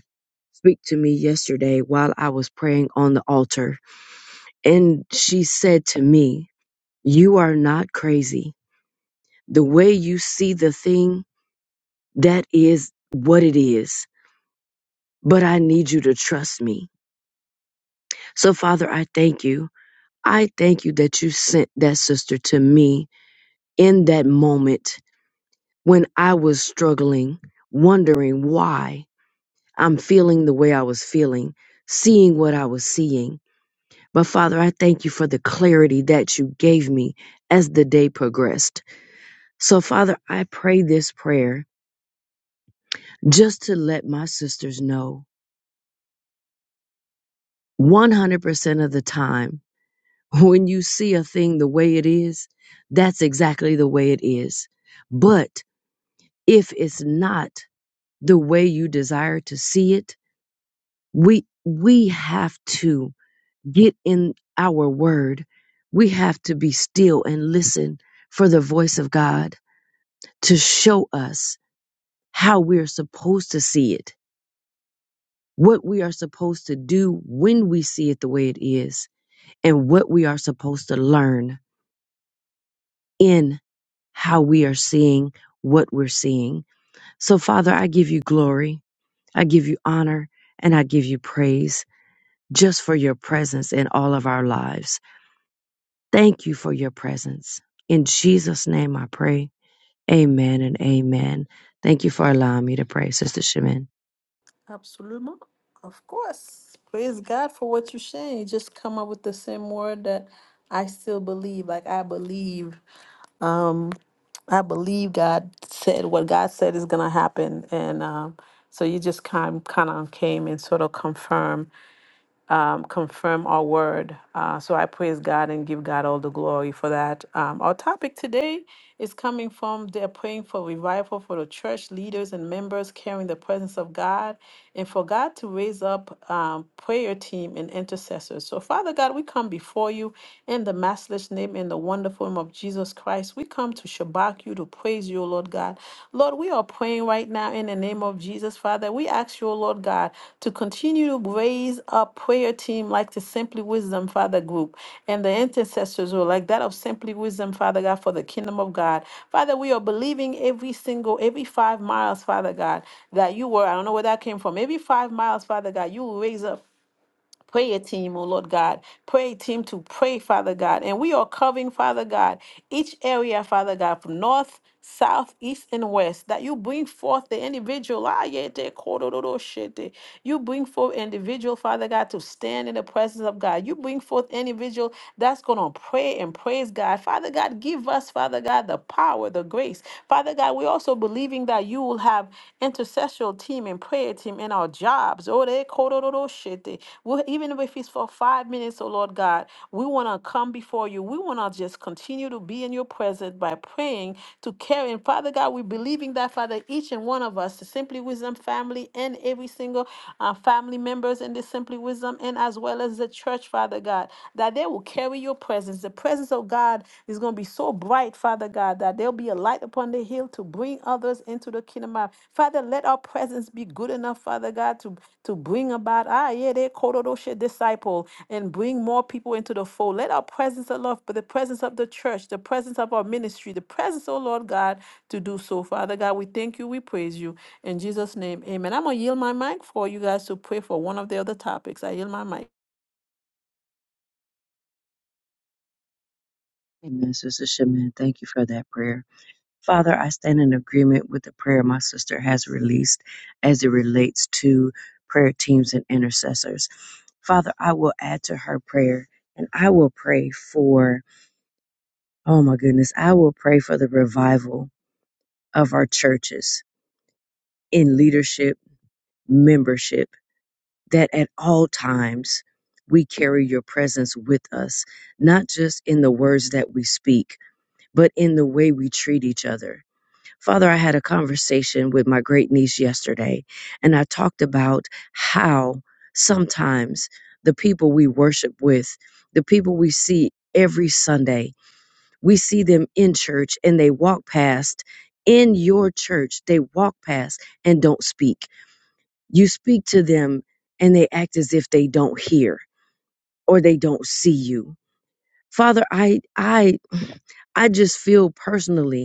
speak to me yesterday while I was praying on the altar. And she said to me, You are not crazy. The way you see the thing, that is what it is. But I need you to trust me. So, Father, I thank you. I thank you that you sent that sister to me in that moment when I was struggling, wondering why I'm feeling the way I was feeling, seeing what I was seeing. But Father, I thank you for the clarity that you gave me as the day progressed. So, Father, I pray this prayer just to let my sisters know 100% of the time when you see a thing the way it is, that's exactly the way it is. But if it's not the way you desire to see it, we we have to get in our word. We have to be still and listen for the voice of God to show us how we're supposed to see it, what we are supposed to do when we see it the way it is, and what we are supposed to learn in how we are seeing what we're seeing. So, Father, I give you glory, I give you honor, and I give you praise just for your presence in all of our lives. Thank you for your presence. In Jesus' name I pray. Amen and amen. Thank you for allowing me to pray, Sister Shemin.
Absolutely. Of course. Praise God for what you're saying. You just come up with the same word that I still believe. Like I believe. um, I believe God said what God said is going to happen, and um, so you just kind kind of came and sort of confirmed um, confirm our word. Uh, so I praise God and give God all the glory for that. Um, our topic today is coming from they're praying for revival for the church leaders and members carrying the presence of God and for God to raise up um, prayer team and intercessors. So Father God, we come before you in the matchless name and the wonderful name of Jesus Christ. We come to shabak you, you, to praise you, O Lord God. Lord, we are praying right now in the name of Jesus, Father. We ask you, O Lord God, to continue to raise a prayer team like the Simply Wisdom, Father, group and the intercessors, or like that of Simply Wisdom, Father God, for the kingdom of God. Father, we are believing every single, every five miles, Father God, that you were, I don't know where that came from, every five miles, Father God, you will raise up prayer team, oh Lord God, prayer team to pray, Father God. And we are covering, Father God, each area, Father God, from north, south, east, and west, that you bring forth the individual. ah, yeah, they call it, oh, oh, shit, they- You bring forth individual, Father God, to stand in the presence of God. You bring forth individual that's going to pray and praise God. Father God, give us, Father God, the power, the grace. Father God, we're also believing that you will have intercessory team and prayer team in our jobs. Oh, they korororoshete. Well, even if it's for five minutes, oh Lord God, we want to come before you. We want to just continue to be in your presence by praying to carry. And Father God, we're believing that, Father, each and one of us, the Simply Wisdom family and every single uh, family members in the Simply Wisdom and as well as the church, Father God, that they will carry your presence. The presence of God is going to be be so bright, Father God, that there'll be a light upon the hill to bring others into the kingdom of Father, let our presence be good enough, Father God, to, to bring about, ah, yeah, they Korodoshe disciple and bring more people into the fold. Let our presence, of love, but the presence of the church, the presence of our ministry, the presence, oh Lord God, to do so. Father God, we thank you, we praise you. In Jesus' name, amen. I'm going to yield my mic for you guys to pray for one of the other topics. I yield my mic.
Amen, Sister Shemin. Thank you for that prayer. Father, I stand in agreement with the prayer my sister has released as it relates to prayer teams and intercessors. Father, I will add to her prayer and I will pray for, oh my goodness, I will pray for the revival of our churches in leadership, membership, that at all times we carry your presence with us, not just in the words that we speak, but in the way we treat each other Father, I had a conversation with my great niece yesterday, and I talked about how sometimes the people we worship with, the people we see every Sunday, we see them in church and they walk past in your church, they walk past and don't speak. You speak to them and they act as if they don't hear or they don't see you. Father, I I I just feel personally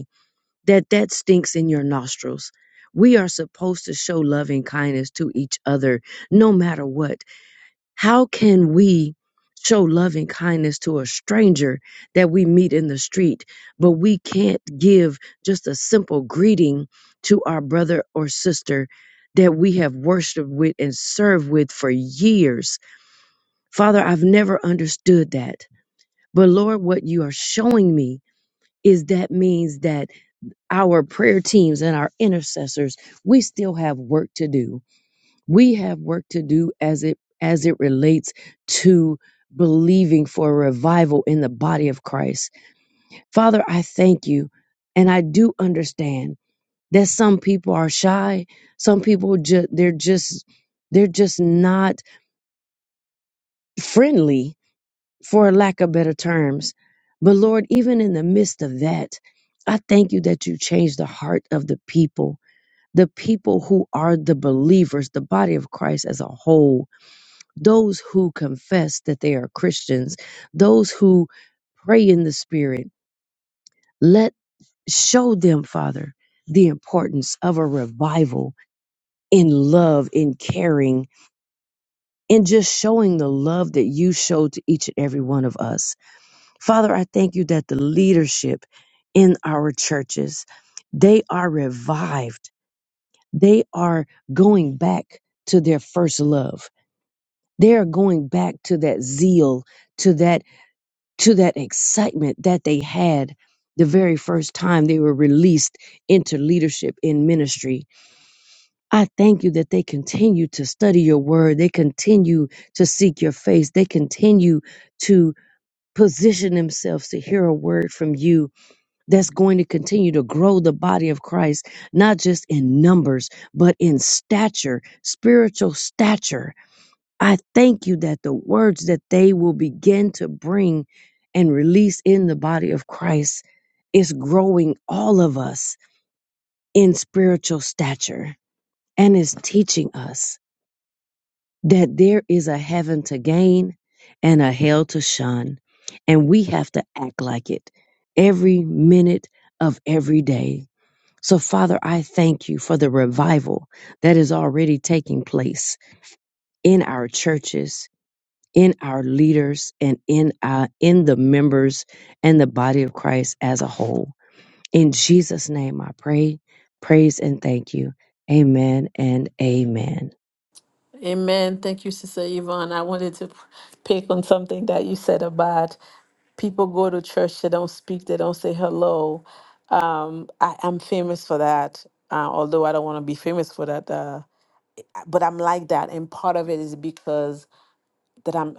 that that stinks in your nostrils. We are supposed to show loving kindness to each other no matter what. How can we show loving kindness to a stranger that we meet in the street, but we can't give just a simple greeting to our brother or sister that we have worshiped with and served with for years? Father, I've never understood that. But Lord, what you are showing me is that means that our prayer teams and our intercessors, we still have work to do. We have work to do as it as it relates to believing for a revival in the body of Christ. Father, I thank you and I do understand that some people are shy, some people just they're just they're just not friendly for lack of better terms. But Lord, even in the midst of that, I thank you that you changed the heart of the people the people who are the believers, the body of Christ as a whole, those who confess that they are Christians, those who pray in the spirit, let show them, Father, the importance of a revival in love, in caring, and just showing the love that you showed to each and every one of us. Father, I thank you that the leadership in our churches, they are revived. They are going back to their first love They're going back to that zeal, to that, to that excitement that they had the very first time they were released into leadership in ministry. I thank you that they continue to study your word. They continue to seek your face. They continue to position themselves to hear a word from you that's going to continue to grow the body of Christ, not just in numbers, but in stature, spiritual stature I thank you that the words that they will begin to bring and release in the body of Christ is growing all of us in spiritual stature and is teaching us that there is a heaven to gain and a hell to shun. And we have to act like it every minute of every day. So, Father, I thank you for the revival that is already taking place in our churches in our leaders and in uh, in the members and the body of Christ as a whole. In Jesus' name, I pray, praise, and thank you. Amen and amen.
Amen. Thank you, Sister Yvonne. I wanted to pick on something that you said about people go to church, they don't speak, they don't say hello. I am famous for that, uh, although I don't want to be famous for that. Uh, but I'm like that. And part of it is because that I'm.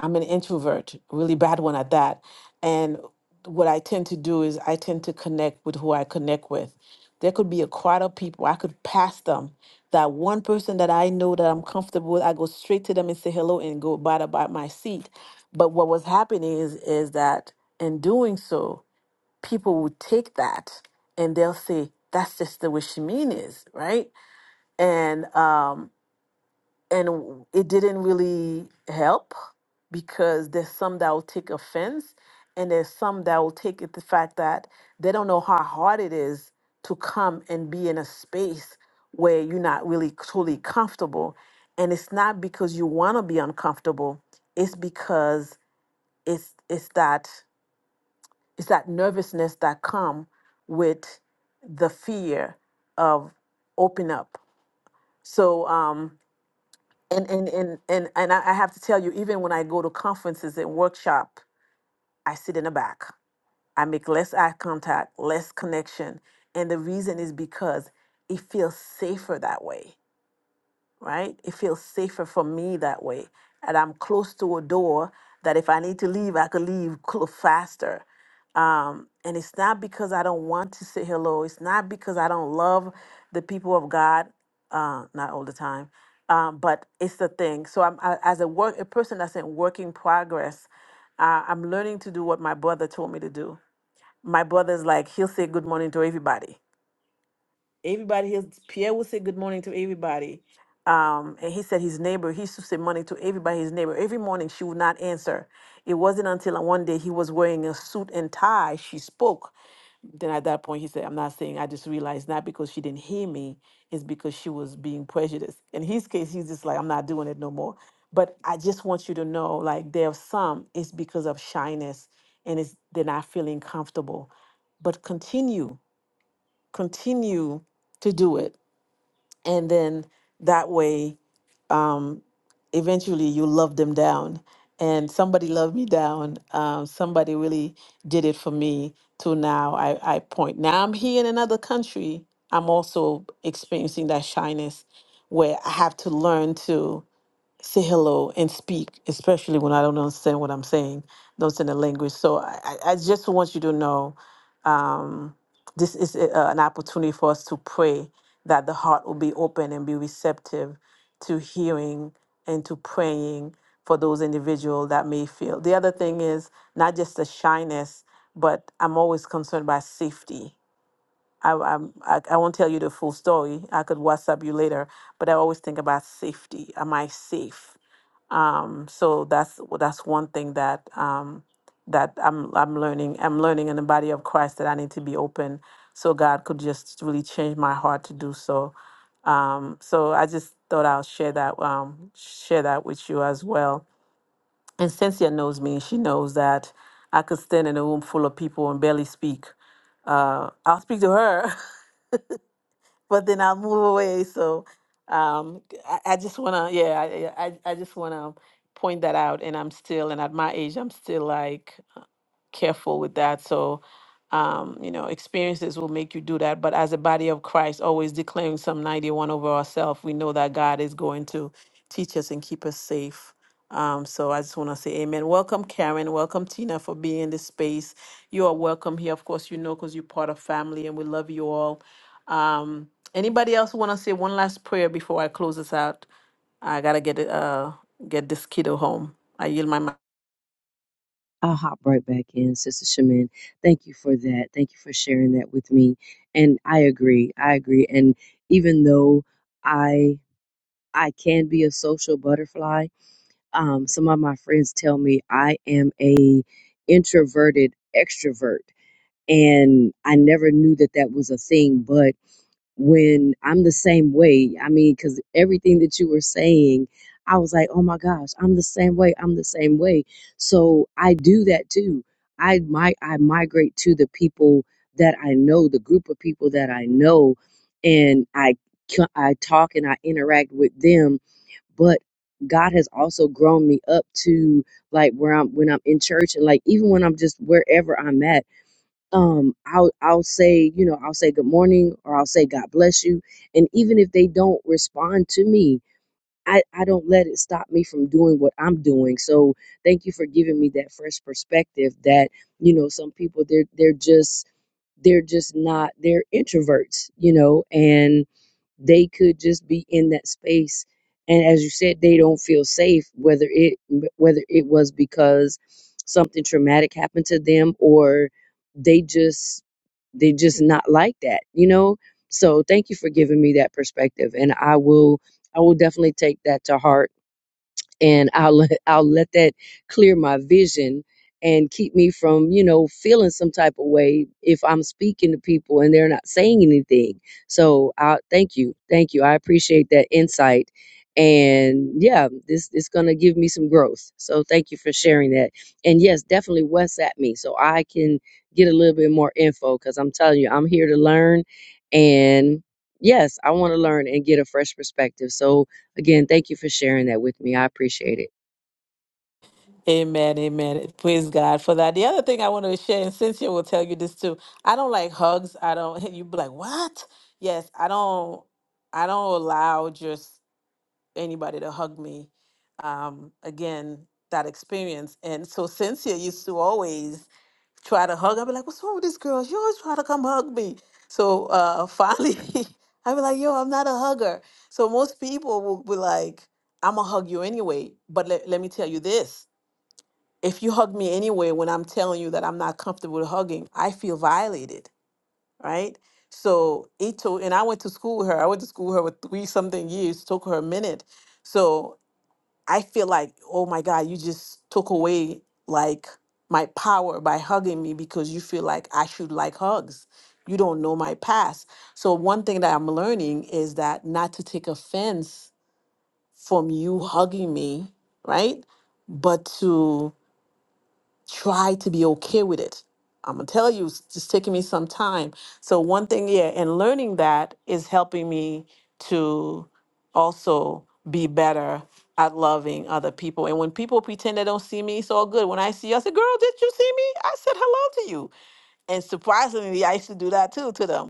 I'm an introvert, really bad one at that. And what I tend to do is I tend to connect with who I connect with. There could be a crowd of people, I could pass them. That one person that I know that I'm comfortable with, I go straight to them and say hello and go about about my seat. But what was happening is is that in doing so, people would take that and they'll say, that's just the way Shemin is, right? And um, and it didn't really help because there's some that will take offense and there's some that will take it the fact that they don't know how hard it is to come and be in a space where you're not really truly comfortable and it's not because you want to be uncomfortable it's because it's it's that it's that nervousness that come with the fear of open up so um and and and and, and I, I have to tell you even when i go to conferences and workshop i sit in the back i make less eye contact less connection and the reason is because it feels safer that way right? It feels safer for me that way. And I'm close to a door that if I need to leave, I could leave cl- faster. Um, and it's not because I don't want to say hello. It's not because I don't love the people of God, uh, not all the time, um, but it's the thing. So I'm I, as a work a person that's in working progress. Uh, I'm learning to do what my brother told me to do. My brother's like he'll say good morning to everybody Everybody here, Pierre will say good morning to everybody. Um, and he said his neighbor, he used to say morning to everybody, his neighbor. Every morning she would not answer. It wasn't until one day he was wearing a suit and tie, she spoke. Then at that point he said, I'm not saying I just realized not because she didn't hear me, it's because she was being prejudiced. In his case, he's just like, I'm not doing it no more. But I just want you to know, like there are some, it's because of shyness and it's they're not feeling comfortable. But continue, continue to do it and then that way um eventually you love them down and somebody loved me down um somebody really did it for me to now i i point now i'm here in another country i'm also experiencing that shyness where i have to learn to say hello and speak, especially when I don't understand what I'm saying, don't understand the language. So I, I I just want you to know um, this is a, uh, an opportunity for us to pray that the heart will be open and be receptive to hearing and to praying for those individuals that may feel. The other thing is not just the shyness, but I'm always concerned by safety. I, I'm, I, I won't tell you the full story. I could WhatsApp you later, but I always think about safety. Am I safe? Um, so that's well, that's one thing that um, that I'm I'm learning. I'm learning in the body of Christ that I need to be open, so God could just really change my heart to do so. Um, so I just thought I'll share that um, share that with you as well. And Cynthia knows me; she knows that I could stand in a room full of people and barely speak. Uh, I'll speak to her, but then I'll move away. So um, I, I just wanna, yeah, I, I, I just wanna point that out. And I'm still, and at my age, I'm still like careful with that. So, um, you know, experiences will make you do that. But as a body of Christ, always declaring Psalm 91 over ourselves, we know that God is going to teach us and keep us safe. Um, so I just want to say amen. Welcome, Karen. Welcome, Tina, for being in this space. You are welcome here. Of course, you know, because you're part of family and we love you all. Um, anybody else want to say one last prayer before I close this out? I got to get, it, uh, get this kiddo home. I yield my mic.
I'll hop right back in, Sister Shamin. Thank you for that. Thank you for sharing that with me. And I agree. I agree. And even though I I can be a social butterfly. Um, some of my friends tell me I am a introverted extrovert, and I never knew that that was a thing. But when I'm the same way, I mean, because everything that you were saying, I was like, oh my gosh, I'm the same way. I'm the same way. So I do that too. I might I migrate to the people that I know, the group of people that I know, and I I talk and I interact with them but God has also grown me up to like where I'm when I'm in church and like even when I'm just wherever I'm at, um, I'll I'll say, you know, I'll say good morning or I'll say God bless you. And even if they don't respond to me, I, I don't let it stop me from doing what I'm doing. So thank you for giving me that fresh perspective that, you know, some people they're they're just they're just not they're introverts, you know, and they could just be in that space and as you said they don't feel safe whether it whether it was because something traumatic happened to them or they just they just not like that you know so thank you for giving me that perspective and i will i will definitely take that to heart and I'll let, I'll let that clear my vision and keep me from you know feeling some type of way if I'm speaking to people and they're not saying anything. So I thank you, thank you. I appreciate that insight, and yeah, this is gonna give me some growth. So thank you for sharing that. And yes, definitely WhatsApp me so I can get a little bit more info because I'm telling you, I'm here to learn and. Yes, I want to learn and get a fresh perspective. So, Again, thank you for sharing that with me. I appreciate it.
Amen, amen. Praise God for that. The other thing I want to share, and Cynthia will tell you this too. I don't like hugs. I don't. You be like, what? Yes, I don't. I don't allow just anybody to hug me. Um, again, that experience, and so Cynthia used to always try to hug. I'd be like, what's wrong with this girl? She always try to come hug me. So uh, finally, I'd be like, yo, I'm not a hugger. So most people will be like, I'm gonna hug you anyway. But let let me tell you this if you hug me anyway when I'm telling you that I'm not comfortable with hugging, I feel violated, right? So Ito and I went to school with her. I went to school with her with three something years, took her a minute. So I feel like, oh my God, you just took away like my power by hugging me because you feel like I should like hugs. You don't know my past. So one thing that I'm learning is that not to take offense from you hugging me, right? But to try to be okay with it. I'm gonna tell you, it's just taking me some time. So one thing, yeah, and learning that is helping me to also be better at loving other people. And when people pretend they don't see me, it's all good. When I see you, I say, girl, did you see me? I said hello to you. And surprisingly, I used to do that too to them.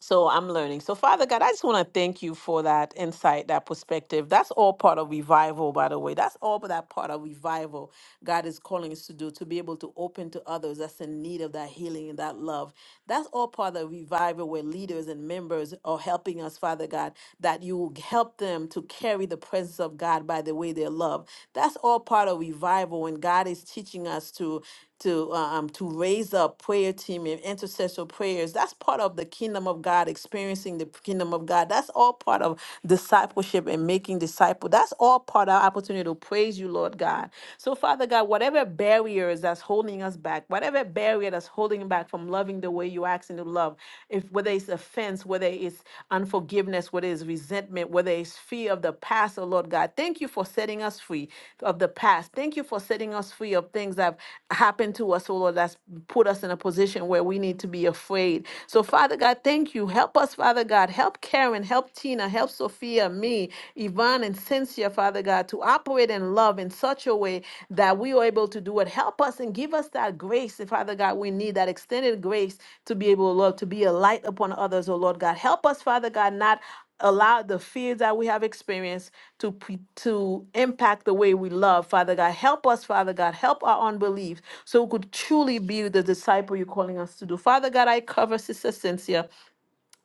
So I'm learning. So, Father God, I just want to thank you for that insight, that perspective. That's all part of revival, by the way. That's all that part of revival God is calling us to do, to be able to open to others that's in need of that healing and that love. That's all part of revival where leaders and members are helping us, Father God, that you will help them to carry the presence of God by the way they love. That's all part of revival when God is teaching us to to uh, um to raise up prayer team and intercessor prayers. That's part of the kingdom of God, experiencing the kingdom of God. That's all part of discipleship and making disciple. That's all part of our opportunity to praise you, Lord God. So Father God, whatever barriers that's holding us back, whatever barrier that's holding back from loving the way you ask and to love, if whether it's offense, whether it's unforgiveness unforgiveness, whether it's resentment, whether it's fear of the past, oh Lord God. Thank you for setting us free of the past. Thank you for setting us free of things that have happened to us, oh Lord, that's put us in a position where we need to be afraid. So, Father God, thank you. Help us, Father God. Help Karen, help Tina, help Sophia, me, Yvonne, and Cynthia, Father God, to operate in love in such a way that that we are able to do it. Help us and give us that grace, Father God. We need that extended grace to be able, Lord, to be a light upon others, oh Lord God. Help us, Father God, not allow the fears that we have experienced to pre- to impact the way we love father god help us father god help our unbelief so we could truly be the disciple you're calling us to do father god i cover sister cynthia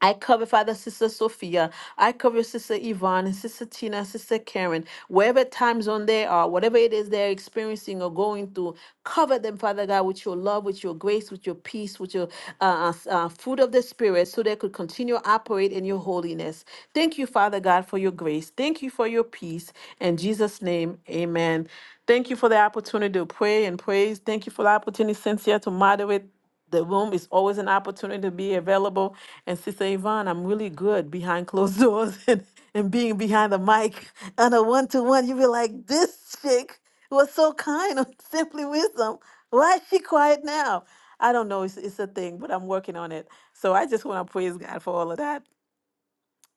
I cover, Father, Sister Sophia. I cover Sister Yvonne, and Sister Tina, Sister Karen. Wherever time zone they are, whatever it is they're experiencing or going through, cover them, Father God, with your love, with your grace, with your peace, with your uh, uh, uh, fruit of the Spirit, so they could continue to operate in your holiness. Thank you, Father God, for your grace. Thank you for your peace. In Jesus' name, amen. Thank you for the opportunity to pray and praise. Thank you for the opportunity, Cynthia, to moderate the room is always an opportunity to be available. And Sister Yvonne, I'm really good behind closed doors and, and being behind the mic on a one to one. you be like, this chick was so kind on Simply Wisdom. Why is she quiet now? I don't know. It's, it's a thing, but I'm working on it. So I just want to praise God for all of that.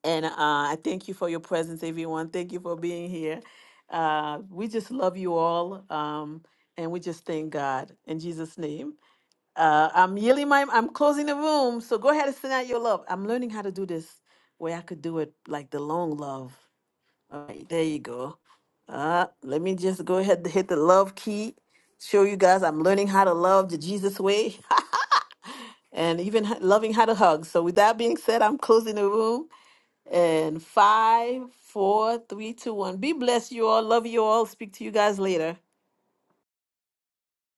And uh, I thank you for your presence, everyone. Thank you for being here. Uh, we just love you all. Um, and we just thank God in Jesus' name. Uh, I'm yielding my, I'm closing the room. So go ahead and send out your love. I'm learning how to do this where I could do it like the long love. All right, there you go. Uh, let me just go ahead and hit the love key. Show you guys I'm learning how to love the Jesus way and even h- loving how to hug. So with that being said, I'm closing the room. And five, four, three, two, one. Be blessed, you all. Love you all. Speak to you guys later.